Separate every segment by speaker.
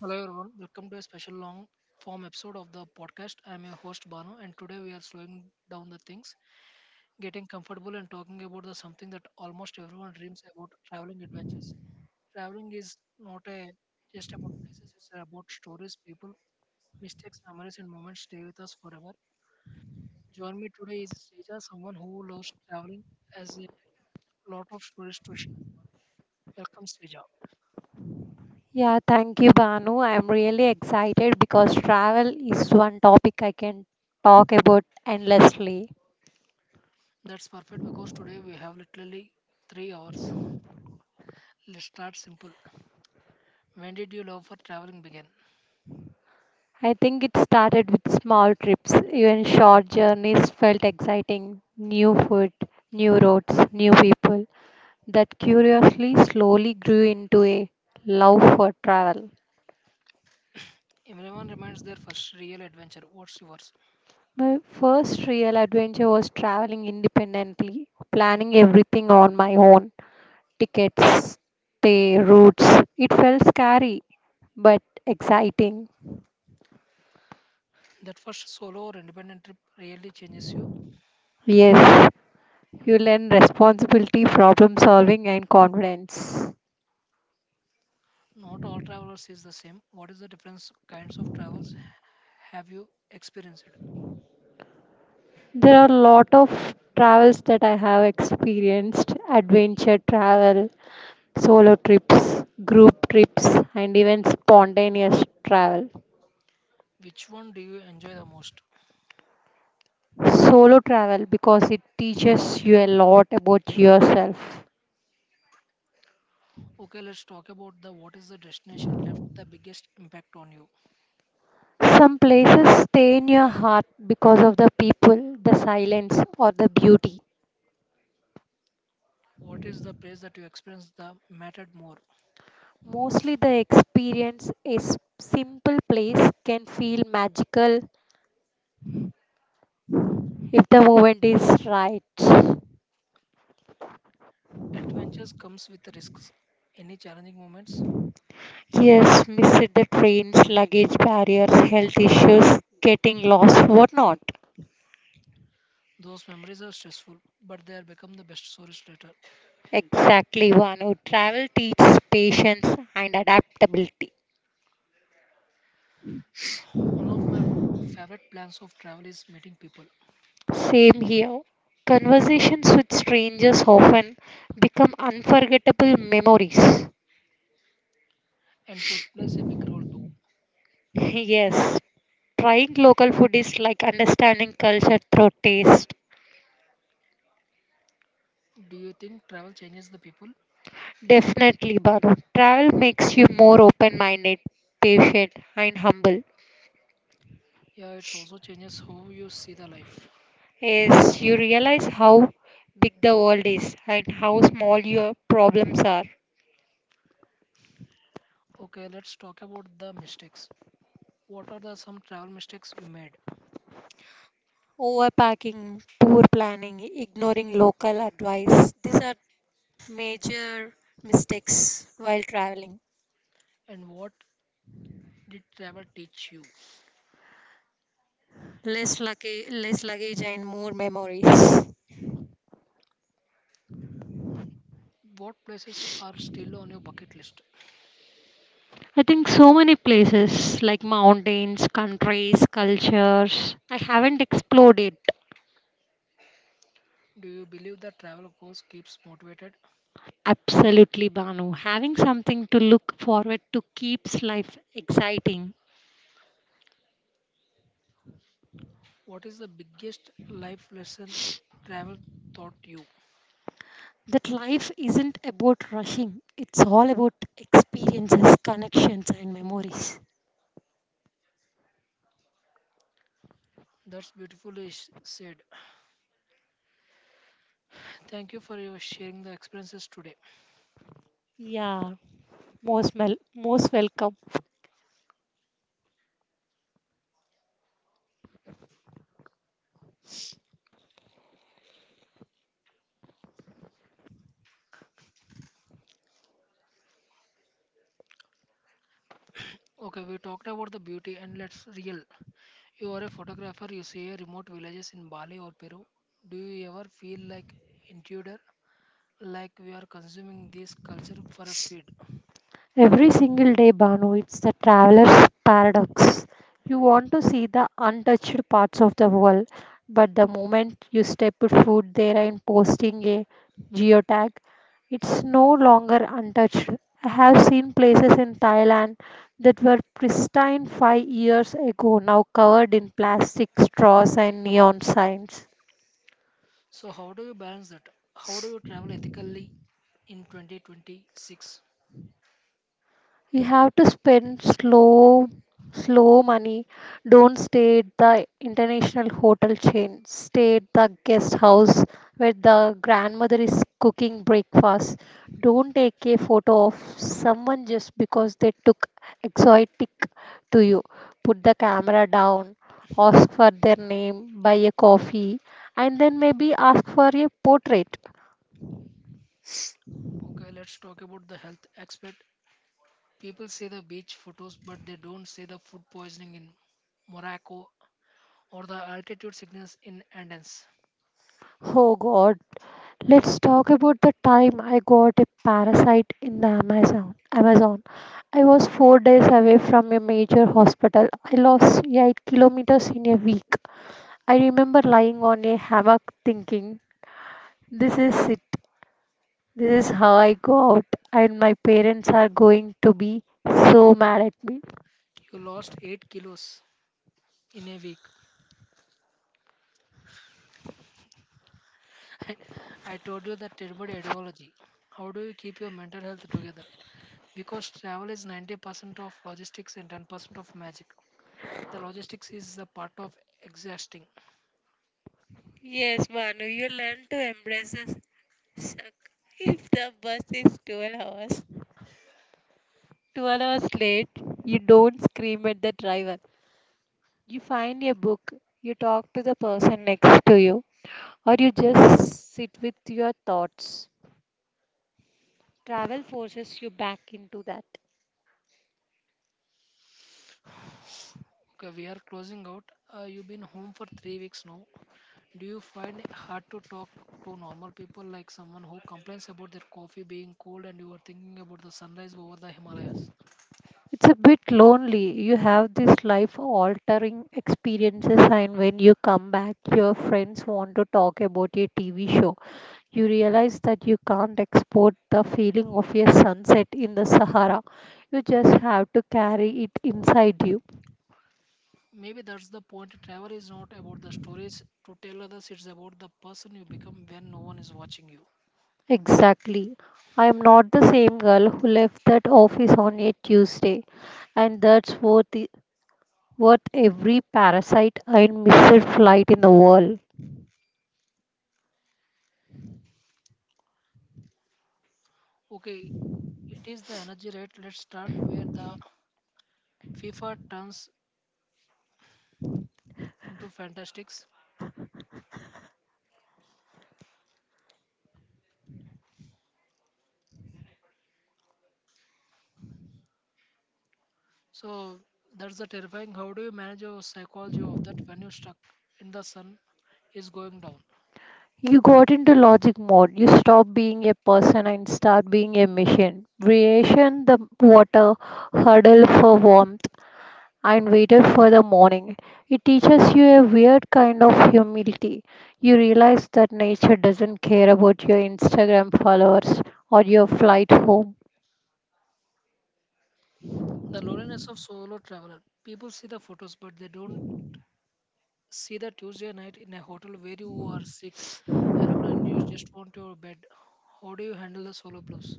Speaker 1: Hello everyone, welcome to a special long form episode of the podcast. I'm your host Banu, and today we are slowing down the things, getting comfortable, and talking about the something that almost everyone dreams about: traveling adventure. Traveling is not a just about places; it's about stories, people, mistakes, memories, and moments stay with us forever. Join me today is Srija, someone who loves traveling, has a lot of stories to share. Welcome, Srija.
Speaker 2: Yeah, thank you, Banu. I'm really excited because travel is one topic I can talk about endlessly.
Speaker 1: That's perfect because today we have literally 3 hours. Let's start simple. When did your love for traveling begin?
Speaker 2: I think it started with small trips. Even short journeys felt exciting. New food, new roads, new people. That curiously slowly grew into a love for travel.
Speaker 1: Everyone reminds their first real adventure. What's yours?
Speaker 2: My first real adventure was traveling independently, planning everything on my own. Tickets, stay routes. It felt scary but exciting.
Speaker 1: That first solo or independent trip really changes you.
Speaker 2: Yes, you learn responsibility, problem solving, and confidence.
Speaker 1: Not all travelers is the same. What is the difference kinds of travels have you experienced?
Speaker 2: There are a lot of travels that I have experienced adventure travel, solo trips, group trips, and even spontaneous travel.
Speaker 1: Which one do you enjoy the most?
Speaker 2: Solo travel because it teaches you a lot about yourself.
Speaker 1: Okay, let's talk about the what is the destination left the biggest impact on you.
Speaker 2: Some places stay in your heart because of the people, the silence, or the beauty.
Speaker 1: What is the place that you experienced the mattered more?
Speaker 2: Mostly the experience is simple place can feel magical if the moment is right.
Speaker 1: Adventures comes with risks. Any challenging moments?
Speaker 2: Yes, missed the trains, luggage barriers, health issues, getting lost, whatnot.
Speaker 1: Those memories are stressful, but they are become the best stories later.
Speaker 2: Exactly, Vanu. Travel teaches patience and adaptability.
Speaker 1: One of my favorite plans of travel is meeting people,
Speaker 2: Same here. Conversations with strangers often become unforgettable memories.
Speaker 1: and food plays a big role too.
Speaker 2: Yes, trying local food is like understanding culture through taste.
Speaker 1: Do you think travel changes the people?
Speaker 2: Definitely, Banu. Travel makes you more open minded, patient, and humble.
Speaker 1: Yeah, it also changes how you see the life.
Speaker 2: Yes, you realize how big the world is and how small your problems are.
Speaker 1: Okay, let's talk about the mistakes. What are the some travel mistakes you made,
Speaker 2: Overpacking, poor planning, ignoring local advice. These are major mistakes while traveling.
Speaker 1: and what did travel teach you?
Speaker 2: Less lucky, less luggage and more memories.
Speaker 1: What places are still on your bucket list?
Speaker 2: I think so many places like mountains, countries, cultures. I haven't explored it.
Speaker 1: Do you believe that travel goals keeps motivated?
Speaker 2: Absolutely, Banu. Having something to look forward to keeps life exciting.
Speaker 1: What is the biggest life lesson travel taught you?
Speaker 2: That life isn't about rushing, it's all about experiences, connections, and memories.
Speaker 1: That's beautifully said. Thank you for your sharing the experiences today.
Speaker 2: Yeah, most welcome.
Speaker 1: Okay, we talked about the beauty and let's real. You are a photographer, you see a remote villages in Bali or Peru. Do you ever feel like intruder? Like we are consuming this culture for a feed.
Speaker 2: Every single day, Banu, it's the traveler's paradox. You want to see the untouched parts of the world, but the moment you step foot there and posting a geotag, it's no longer untouched. I have seen places in Thailand that were pristine 5 years ago now covered in plastic straws and neon signs.
Speaker 1: So how do you balance that? How do you travel ethically in 2026?
Speaker 2: You have to spend slow, slow money. Don't stay at the international hotel chain. Stay at the guest house where the grandmother is cooking breakfast. Don't take a photo of someone just because they took exotic to you. Put the camera down, ask for their name, buy a coffee, and then maybe ask for a portrait.
Speaker 1: Okay, let's talk about the health aspect. People say the beach photos, but they don't say the food poisoning in Morocco or the altitude sickness in Andes.
Speaker 2: Oh God. Let's talk about the time I got a parasite in the Amazon. I was 4 days away from a major hospital. I lost 8 kilometers in a week. I remember lying on a hammock thinking, this is it. This is how I go out, and my parents are going to be so mad at me.
Speaker 1: You lost 8 kilos in a week. I told you that terrible ideology. How do you keep your mental health together? Because travel is 90% of logistics and 10% of magic. The logistics is the part of exhausting.
Speaker 2: The bus is 12 hours. 12 hours late, you don't scream at the driver. You find a book, you talk to the person next to you, or you just sit with your thoughts. Travel forces you back into that.
Speaker 1: Okay, we are closing out. You've been home for 3 weeks now. Do you find it hard to talk to normal people like someone who complains about their coffee being cold and you are thinking about the sunrise over the Himalayas?
Speaker 2: It's a bit lonely. You have these life altering experiences, and when you come back, your friends want to talk about your TV show. You realize that you can't export the feeling of a sunset in the Sahara. You just have to carry it inside you.
Speaker 1: Maybe that's the point. Travel is not about the stories to tell others, it's about the person you become when no one is watching you.
Speaker 2: Exactly. I am not the same girl who left that office on a Tuesday, and that's worth every parasite and missed flight in the world.
Speaker 1: Okay, it is the energy rate. Let's start where the FIFA turns into fantastics. So that's the terrifying. How do you manage your psychology of that when you're stuck in the sun is going down?
Speaker 2: You got into logic mode. You stop being a person and start being a machine. Creation the water, huddle for warmth, and waited for the morning. It teaches you a weird kind of humility. You realize that nature doesn't care about your Instagram followers or your flight home.
Speaker 1: The loneliness of solo traveler. People see the photos, but they don't see the Tuesday night in a hotel where you are sick, alone, and you just want your bed. How do you handle the solo blues?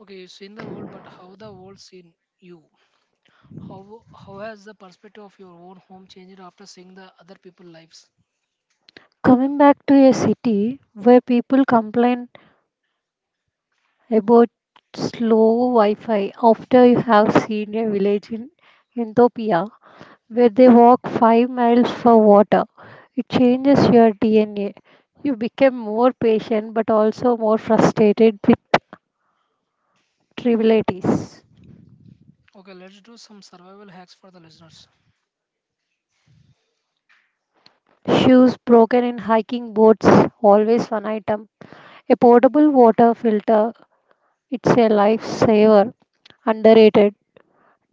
Speaker 1: Okay, you've seen the world, but how the world seen you? How has the perspective of your own home changed after seeing the other people lives?
Speaker 2: Coming back to a city where people complain about slow Wi-Fi after you have seen a village in Ethiopia where they walk 5 miles for water. It changes your DNA. You become more patient but also more frustrated with trivialities.
Speaker 1: Okay, let's do some survival hacks for the listeners.
Speaker 2: Shoes broken in hiking boots, always one item. A portable water filter, it's a lifesaver, underrated.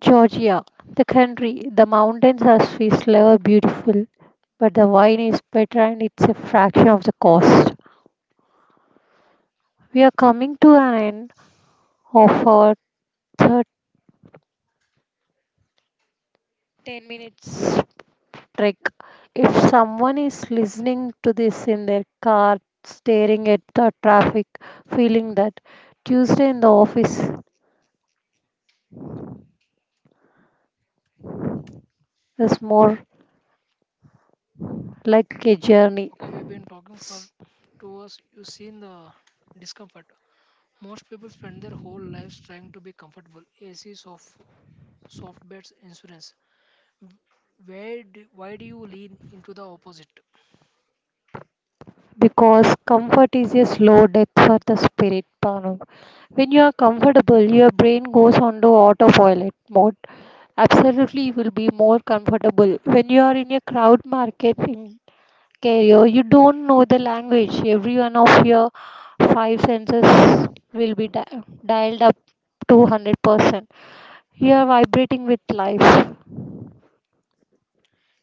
Speaker 2: Georgia, the country, the mountains are Swiss lover beautiful, but the wine is better and it's a fraction of the cost. We are coming to an end of our third 10 minutes trek. If someone is listening to this in their car, staring at the traffic, feeling that Tuesday in the office is more like a journey.
Speaker 1: Okay, we've been talking for 2 hours. You've seen the discomfort. Most people spend their whole lives trying to be comfortable. AC, soft beds, insurance. Why do you lean into the opposite?
Speaker 2: Because comfort is a slow death for the spirit Bhanu. When you are comfortable your brain goes on to autopilot mode. Absolutely, you will be more comfortable when you are in a crowd market in Cairo. You don't know the language. Every one of your five senses will be dialed up to 100%. You are vibrating with life.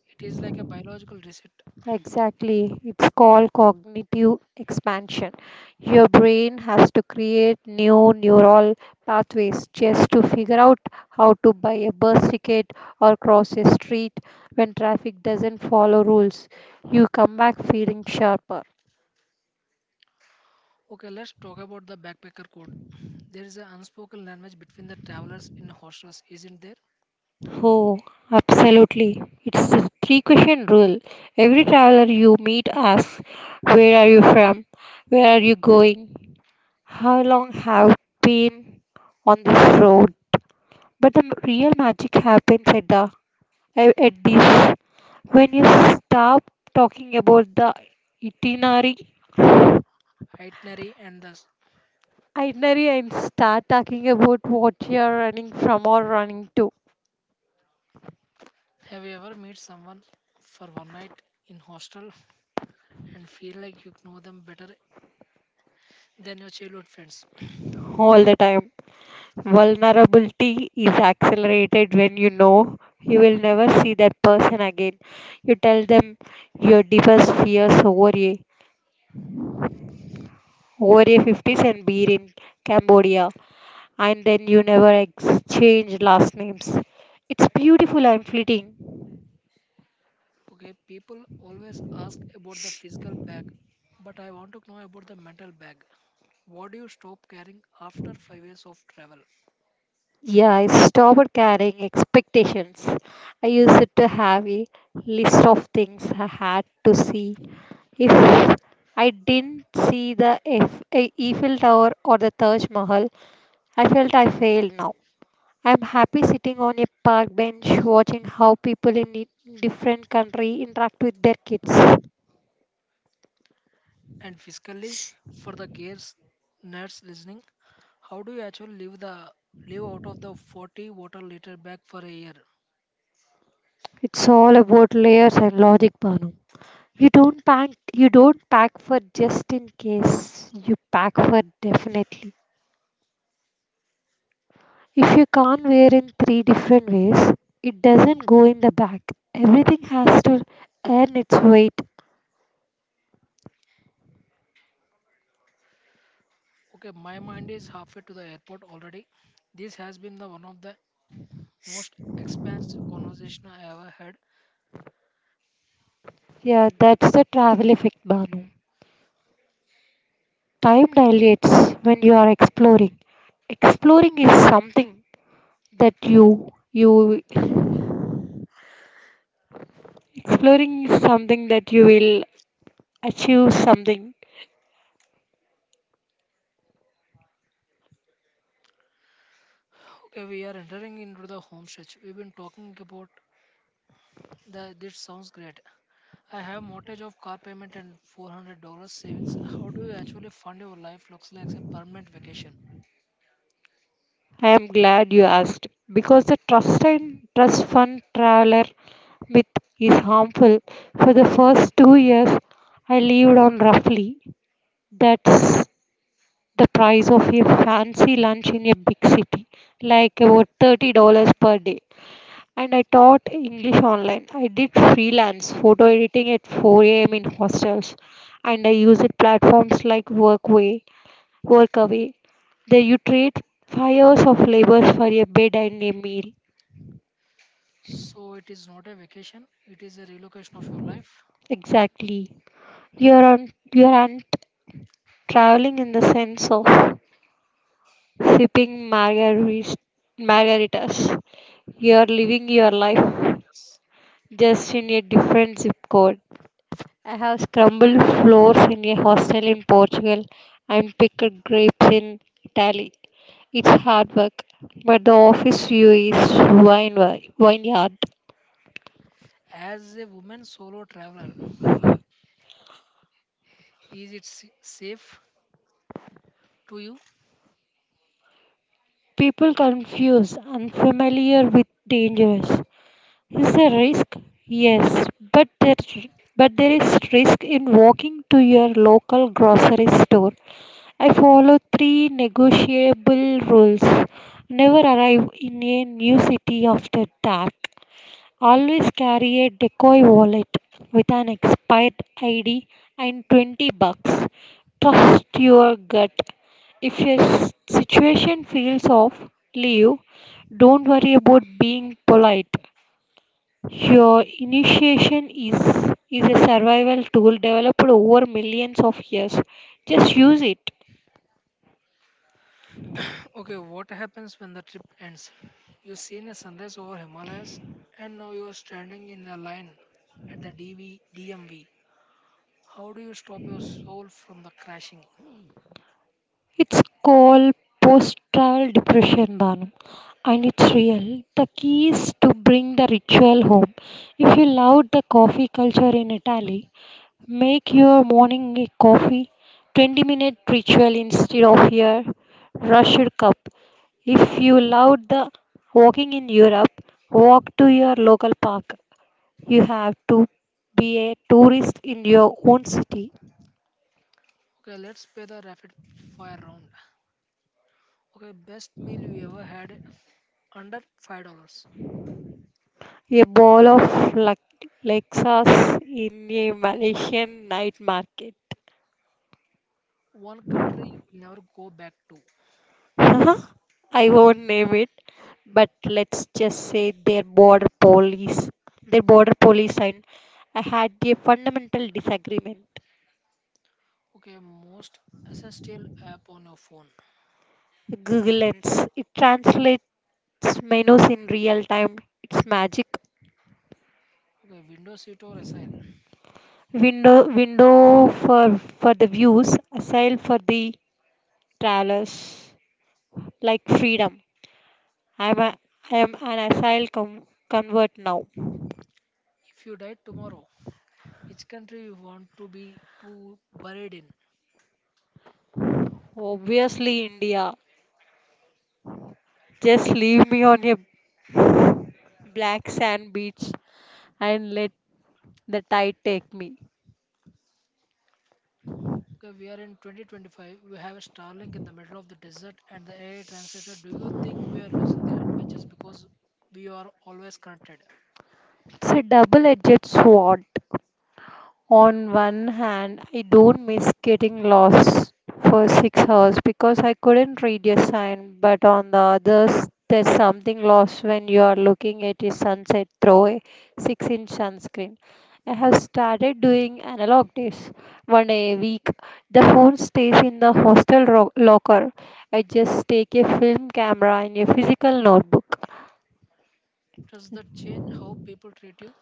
Speaker 1: It is like a biological reset.
Speaker 2: Exactly. It's called cognitive expansion. Your brain has to create new neural pathways just to figure out how to buy a bus ticket or cross a street when traffic doesn't follow rules. You come back feeling sharper.
Speaker 1: Okay, let's talk about the backpacker code. There is an unspoken language between the travelers in hostels, isn't there?
Speaker 2: Oh, absolutely. It's the three question rule. Every traveler you meet asks, Where are you from? Where are you going? How long have you been on this road? But the real magic happens at at this when you stop talking about the itinerary
Speaker 1: Itinerary and thus.
Speaker 2: itinerary and start talking about what you're running from or running to
Speaker 1: Have you ever met someone for one night in hostel and feel like you know them better than your childhood friends?
Speaker 2: all the time. Vulnerability is accelerated when you know you will never see that person again. You tell them your deepest fears over a 50s and beer in Cambodia and then you never exchange last names. It's beautiful I'm fleeting.
Speaker 1: Okay, people always ask about the physical bag, but I want to know about the mental bag. What do you stop carrying after 5 years of travel?
Speaker 2: Yeah, I stopped carrying expectations. I used to have a list of things I had to see. If I didn't see the Eiffel Tower or the Taj Mahal, I felt I failed now. I'm happy sitting on a park bench watching how people in different country interact with their kids.
Speaker 1: And physically, for the gears nerds listening, how do you actually leave out of the 40 water liter bag for a year?
Speaker 2: It's all about layers and logic, Banu. You don't pack you don't pack for just in case. You pack for definitely. If you can't wear in three different ways, it doesn't go in the bag. Everything has to earn its weight.
Speaker 1: Okay, my mind is halfway to the airport already. This has been the one of the most expansive conversation I ever had.
Speaker 2: Yeah, that's the travel effect, Banu. Time dilates when you are exploring. Exploring is something that you exploring is something that you will achieve something.
Speaker 1: Okay, we are entering into the home stretch. We've been talking about the this sounds great. I have mortgage of car payment and $400 savings. How do you actually fund your life? Looks like a permanent vacation.
Speaker 2: I am glad you asked because the trust fund traveler myth is harmful. For the first 2 years, I lived on roughly that's the price of a fancy lunch in a big city, like about $30 per day. And I taught English online. I did freelance photo editing at 4 a.m. in hostels, and I used platforms like work away. There you trade 5 hours of labor for a bed and a meal.
Speaker 1: So it is not a vacation, it is a relocation of your life.
Speaker 2: Exactly. You aren't traveling in the sense of sipping margaritas. You are living your life
Speaker 1: Margaritas.
Speaker 2: just in a different zip code. I have scrambled floors in a hostel in Portugal and picked grapes in Italy. It's hard work, but the office view is wine vineyard.
Speaker 1: As a woman solo traveler, is it safe to you?
Speaker 2: People confuse unfamiliar with dangerous. Is there risk? Yes, but there is risk in walking to your local grocery store. I follow three negotiable rules. Never arrive in a new city after dark. Always carry a decoy wallet with an expired ID and 20 bucks. Trust your gut. If your situation feels off, leave. Don't worry about being polite. Your initiation is a survival tool developed over millions of years. Just use it.
Speaker 1: Okay, what happens when the trip ends? You've seen a sunrise over Himalayas and now you are standing in a line at the DV. How do you stop your soul from the crashing?
Speaker 2: It's called post travel depression, Banu, and it's real. The key is to bring the ritual home. If you love the coffee culture in Italy, make your morning a coffee 20-minute ritual instead of your rushed cup. If you love the walking in Europe, walk to your local park. You have to be a tourist in your own city.
Speaker 1: Okay, let's play the rapid fire round. Okay, best meal you ever had under $5.
Speaker 2: A ball of Lexas in a Malaysian night market.
Speaker 1: One country you will never go back to.
Speaker 2: Huh? I won't name it, but let's just say their border police, and I had a fundamental disagreement.
Speaker 1: Okay, most essential app on your phone.
Speaker 2: Google Lens, it translates menus in real time. It's magic.
Speaker 1: Okay, window seat or asile.
Speaker 2: Window, for the views, aside for the travelers, like freedom. I'm a, I'm an asile convert now.
Speaker 1: If you died tomorrow, which country you want to be to buried in?
Speaker 2: Obviously, India. Just leave me on a black sand beach and let the tide take me.
Speaker 1: Okay, we are in 2025. We have a Starlink in the middle of the desert and the AI translator. Do you think we are losing the adventures because we are always connected?
Speaker 2: It's a double edged sword. On one hand, I don't miss getting lost for 6 hours because I couldn't read a sign, but on the others, there's something lost when you are looking at a sunset through a 6-inch sunscreen. I have started doing analog days one day a week. The phone stays in the hostel locker. I just take a film camera and a physical notebook.
Speaker 1: Does that change how people treat you?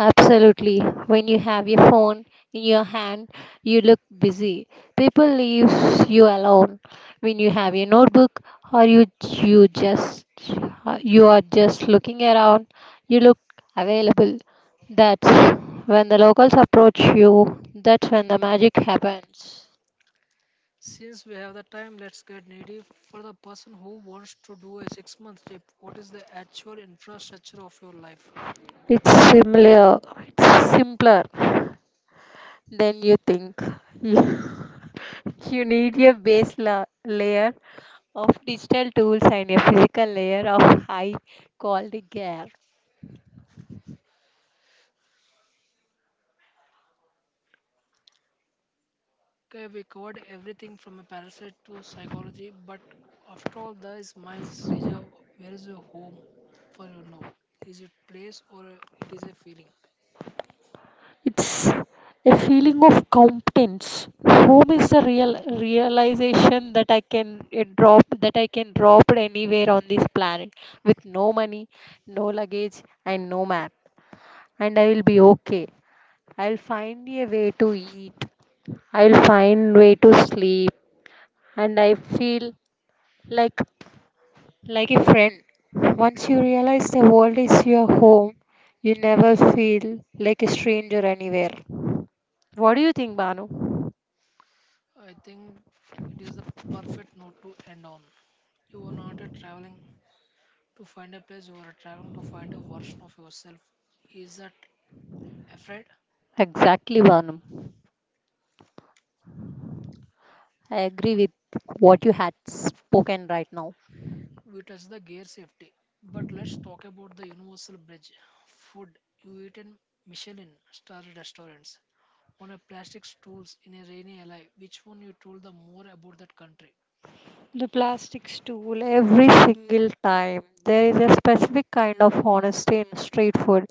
Speaker 2: Absolutely. When you have your phone in your hand, you look busy. People leave you alone. When you have your notebook or you are just looking around, you look available. That's when the locals approach you. That's when the magic happens.
Speaker 1: Since we have the time, let's get needy. For the person who wants to do a 6 month trip, what is the actual infrastructure of your life?
Speaker 2: It's similar. It's simpler than you think. You need a base layer of digital tools and a physical layer of high quality gear.
Speaker 1: Okay, we covered everything from a parasite to psychology, but after all, there is Miles Srija. Where is your home for you now? Is it place or it is a feeling?
Speaker 2: It's a feeling of competence. Home is the real realization that I can drop it anywhere on this planet with no money, no luggage, and no map, and I will be okay. I'll find a way to eat. I'll find way to sleep, and I feel like Like a friend, once you realize the world is your home, you never feel like a stranger anywhere. What do you think, Banu?
Speaker 1: I think it is the perfect note to end on. You are not a traveling to find a place, you are traveling to find a version of yourself. Is that afraid?
Speaker 2: Exactly, Banu. I agree with what you had spoken right now.
Speaker 1: We touch the gear safety. But let's talk about the universal bridge. Food you eat in Michelin star restaurants on a plastic stools in a rainy alley. Which one you told the more about that country?
Speaker 2: The plastic stool, every single time. There is a specific kind of honesty in street food.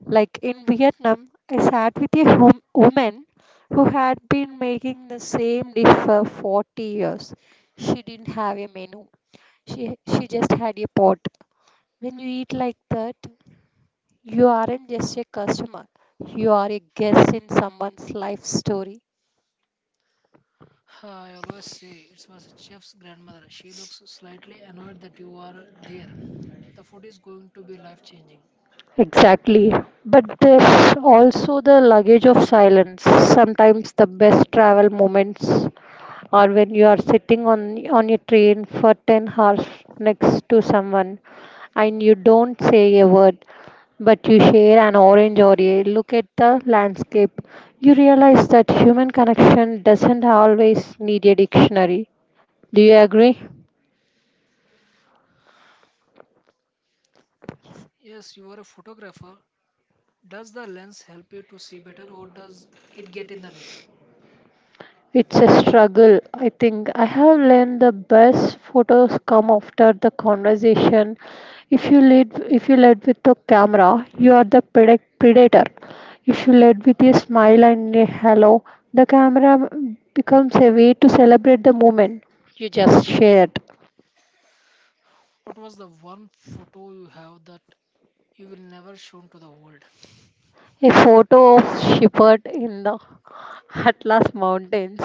Speaker 2: Like in Vietnam, I sat with a woman who had been making the same dish for 40 years. She didn't have a menu. She just had a pot. When you eat like that, you aren't just a customer. You are a guest in someone's life story.
Speaker 1: Huh, I always say it was a chef's grandmother. She looks slightly annoyed that you are there. The food is going to be life changing.
Speaker 2: Exactly. But there's also the luggage of silence. Sometimes the best travel moments or when you are sitting on your train for 10 hours next to someone and you don't say a word, but you share an orange or a look at the landscape. You realize that human connection doesn't always need a dictionary. Do you agree?
Speaker 1: Yes, you are a photographer. Does the lens help you to see better or does it get in the way?
Speaker 2: It's a struggle. I think I have learned the best photos come after the conversation. If you lead with the camera, you are the predator. If you lead with a smile and a hello, the camera becomes a way to celebrate the moment you just shared.
Speaker 1: What was the one photo you have that you will never show to the world?
Speaker 2: A photo of shepherd in the Atlas Mountains.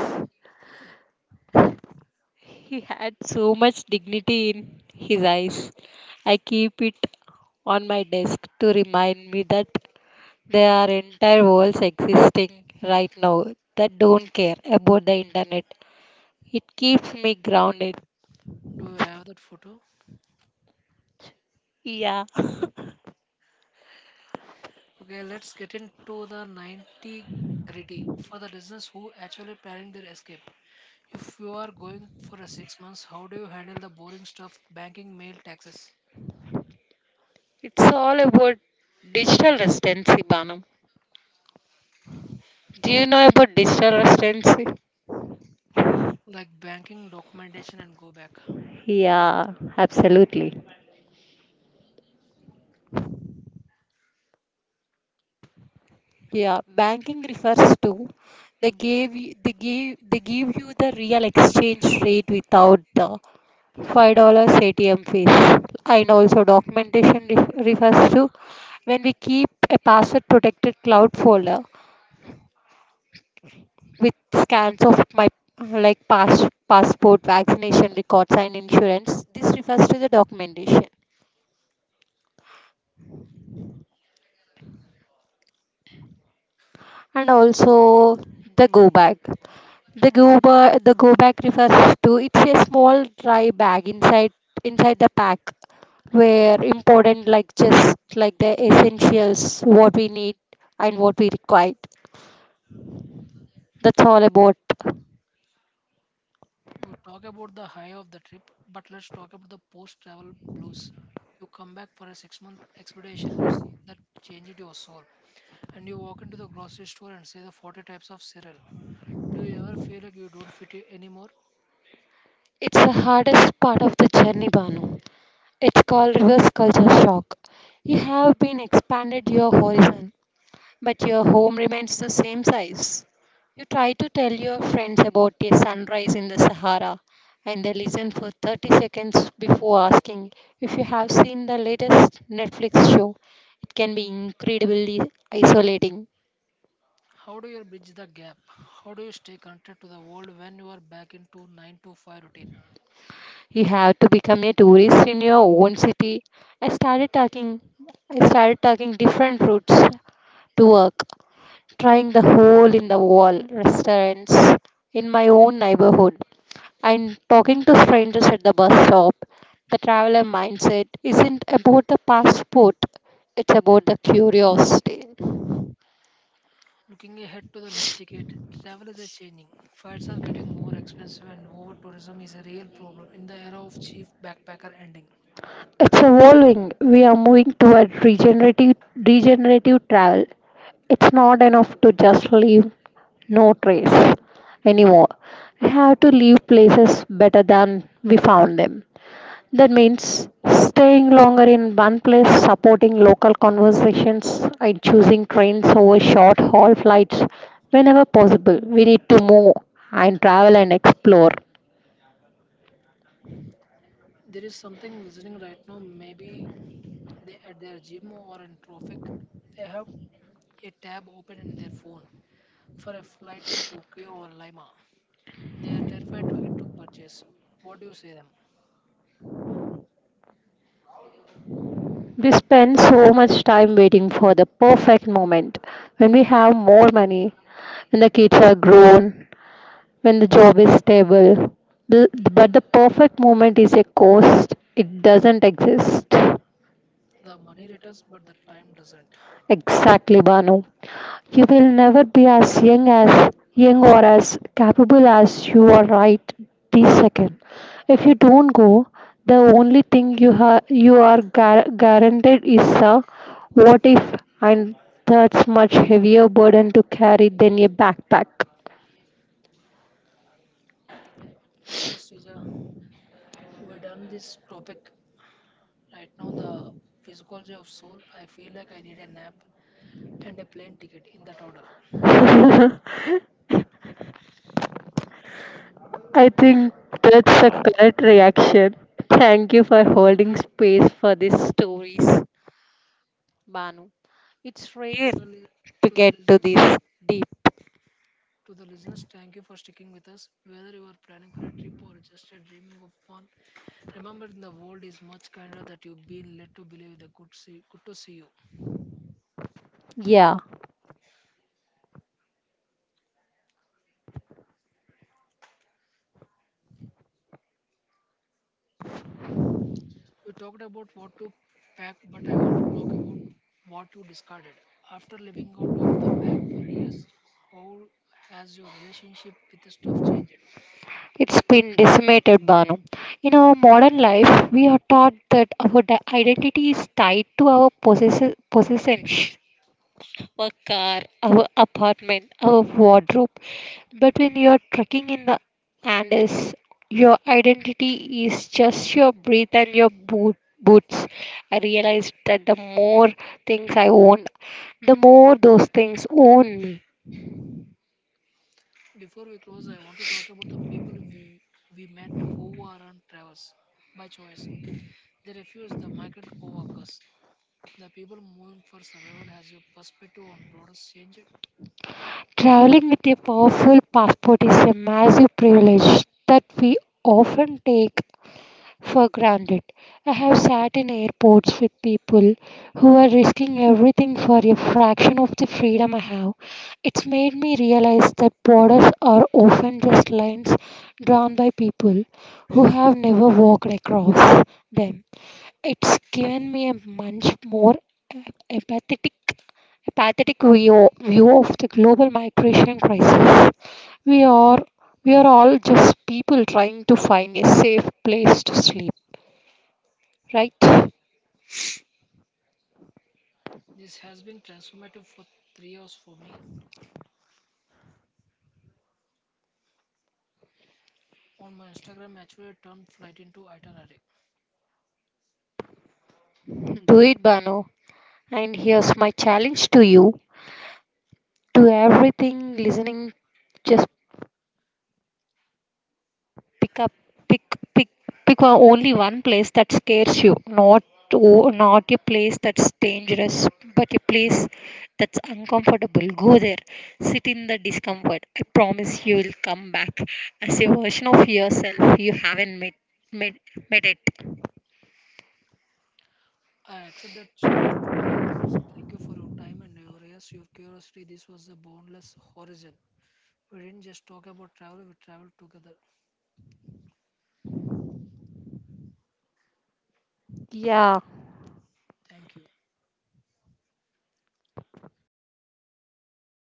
Speaker 2: He had so much dignity in his eyes. I keep it on my desk to remind me that there are entire worlds existing right now that don't care about the internet. It keeps me grounded.
Speaker 1: Do you have that photo?
Speaker 2: Yeah.
Speaker 1: Okay, let's get into the 90 gritty for the listeners who actually planning their escape. If you are going for a 6 months, how do you handle the boring stuff, banking, mail, taxes,
Speaker 2: It's all about digital residency, Banam. Do you know about digital residency?
Speaker 1: like banking documentation, and go back?
Speaker 2: Yeah, absolutely. Yeah, banking refers to they gave you, they give you the real exchange rate without the $5 ATM fees. And also documentation refers to when we keep a password protected cloud folder with scans of my like passport, vaccination records, and insurance. This refers to the documentation. And also the go bag. The the go bag refers to it's a small dry bag inside the pack where important like just like the essentials what we need and what we require. That's all about.
Speaker 1: We talk about the high of the trip, but let's talk about the post travel blues. You come back for a 6 month expedition, you see that changed your soul, and you walk into the grocery store and see the 40 types of cereal. Do you ever feel like you don't fit in anymore?
Speaker 2: It's the hardest part of the journey, Banu. It's called reverse culture shock. You have been expanded your horizon but your home remains the same size. You try to tell your friends about a sunrise in the Sahara, and they listen for 30 seconds before asking if you have seen the latest Netflix show. It can be incredibly isolating.
Speaker 1: How do you bridge the gap? How do you stay connected to the world when you are back into 9 to 5 routine?
Speaker 2: You have to become a tourist in your own city. I started talking I started talking different routes to work, trying the hole in the wall restaurants in my own neighborhood, and talking to strangers at the bus stop. The traveler mindset isn't about the passport, it's about the curiosity.
Speaker 1: Looking ahead to the next decade, travel is a changing. Flights are getting more expensive, and over tourism is a real problem in the era of cheap backpacker ending.
Speaker 2: It's evolving. We are moving toward regenerative travel. It's not enough to just leave no trace anymore. We have to leave places better than we found them. That means staying longer in one place, supporting local conversations, and choosing trains over short haul flights whenever possible. We need to move and travel and explore.
Speaker 1: There is something listening right now, maybe they at their gym or in traffic, they have a tab open in their phone for a flight to Tokyo or Lima. They are terrified to hit to purchase. What do you say them?
Speaker 2: We spend so much time waiting for the perfect moment, when we have more money, when the kids are grown, when the job is stable. But the perfect moment is a ghost, it doesn't exist.
Speaker 1: The money returns, but the time doesn't.
Speaker 2: Exactly, Banu. You will never be as young or as capable as you are right this second. If you don't go, the only thing you you are guaranteed is a what if, and that's much heavier burden to carry than a backpack.
Speaker 1: Okay, Srija, we done this topic right now. The physiology of soul. I feel like I need a nap and a plane ticket in that order.
Speaker 2: I think that's a correct reaction. Thank you for holding space for these stories. Banu, it's rare
Speaker 1: To the li-
Speaker 2: to
Speaker 1: to the
Speaker 2: get to
Speaker 1: listeners,
Speaker 2: this deep.
Speaker 1: To the listeners, thank you for sticking with us. Whether you are planning for a trip or just a dreaming of one, remember the world is much kinder that you've been led to believe. The good, see, good to see you.
Speaker 2: Yeah,
Speaker 1: We talked about what to pack, but I want to talk about what you discarded. After living out of the bag for years, how has your relationship with the stuff changed?
Speaker 2: it's been decimated, Banu. In our modern life, we are taught that our identity is tied to our possessions, our car, our apartment, our wardrobe. But when you're trekking in the Andes, your identity is just your breath and your boots. I realized that the more things I owned, the more those things own me.
Speaker 1: Before we close, I want to talk about the we met who are on travels by choice. They refuse the migrant co workers. The people moving for survival has a perspective on broader change.
Speaker 2: Traveling with a powerful passport is a massive privilege that we often take for granted. I have sat in airports with people who are risking everything for a fraction of the freedom I have. It's made me realize that borders are often just lines drawn by people who have never walked across them. It's given me a much more empathetic, view of the global migration crisis. We are we are all just people trying to find a safe place to sleep. Right?
Speaker 1: This has been transformative for 3 years for me. On my Instagram, actually I turned flight into itinerary.
Speaker 2: Do it, Bano. And here's my challenge to you. To everything listening, just pick up, pick, pick, pick only one place that scares you. Not a place that's dangerous, but a place that's uncomfortable. Go there. Sit in the discomfort. I promise you will come back as a version of yourself you haven't met, met it.
Speaker 1: I accept that challenge to all the listeners. Thank you for your time and your ears, your curiosity. This was the boundless horizon. We didn't just talk about travel, we traveled together.
Speaker 2: Yeah.
Speaker 1: Thank you.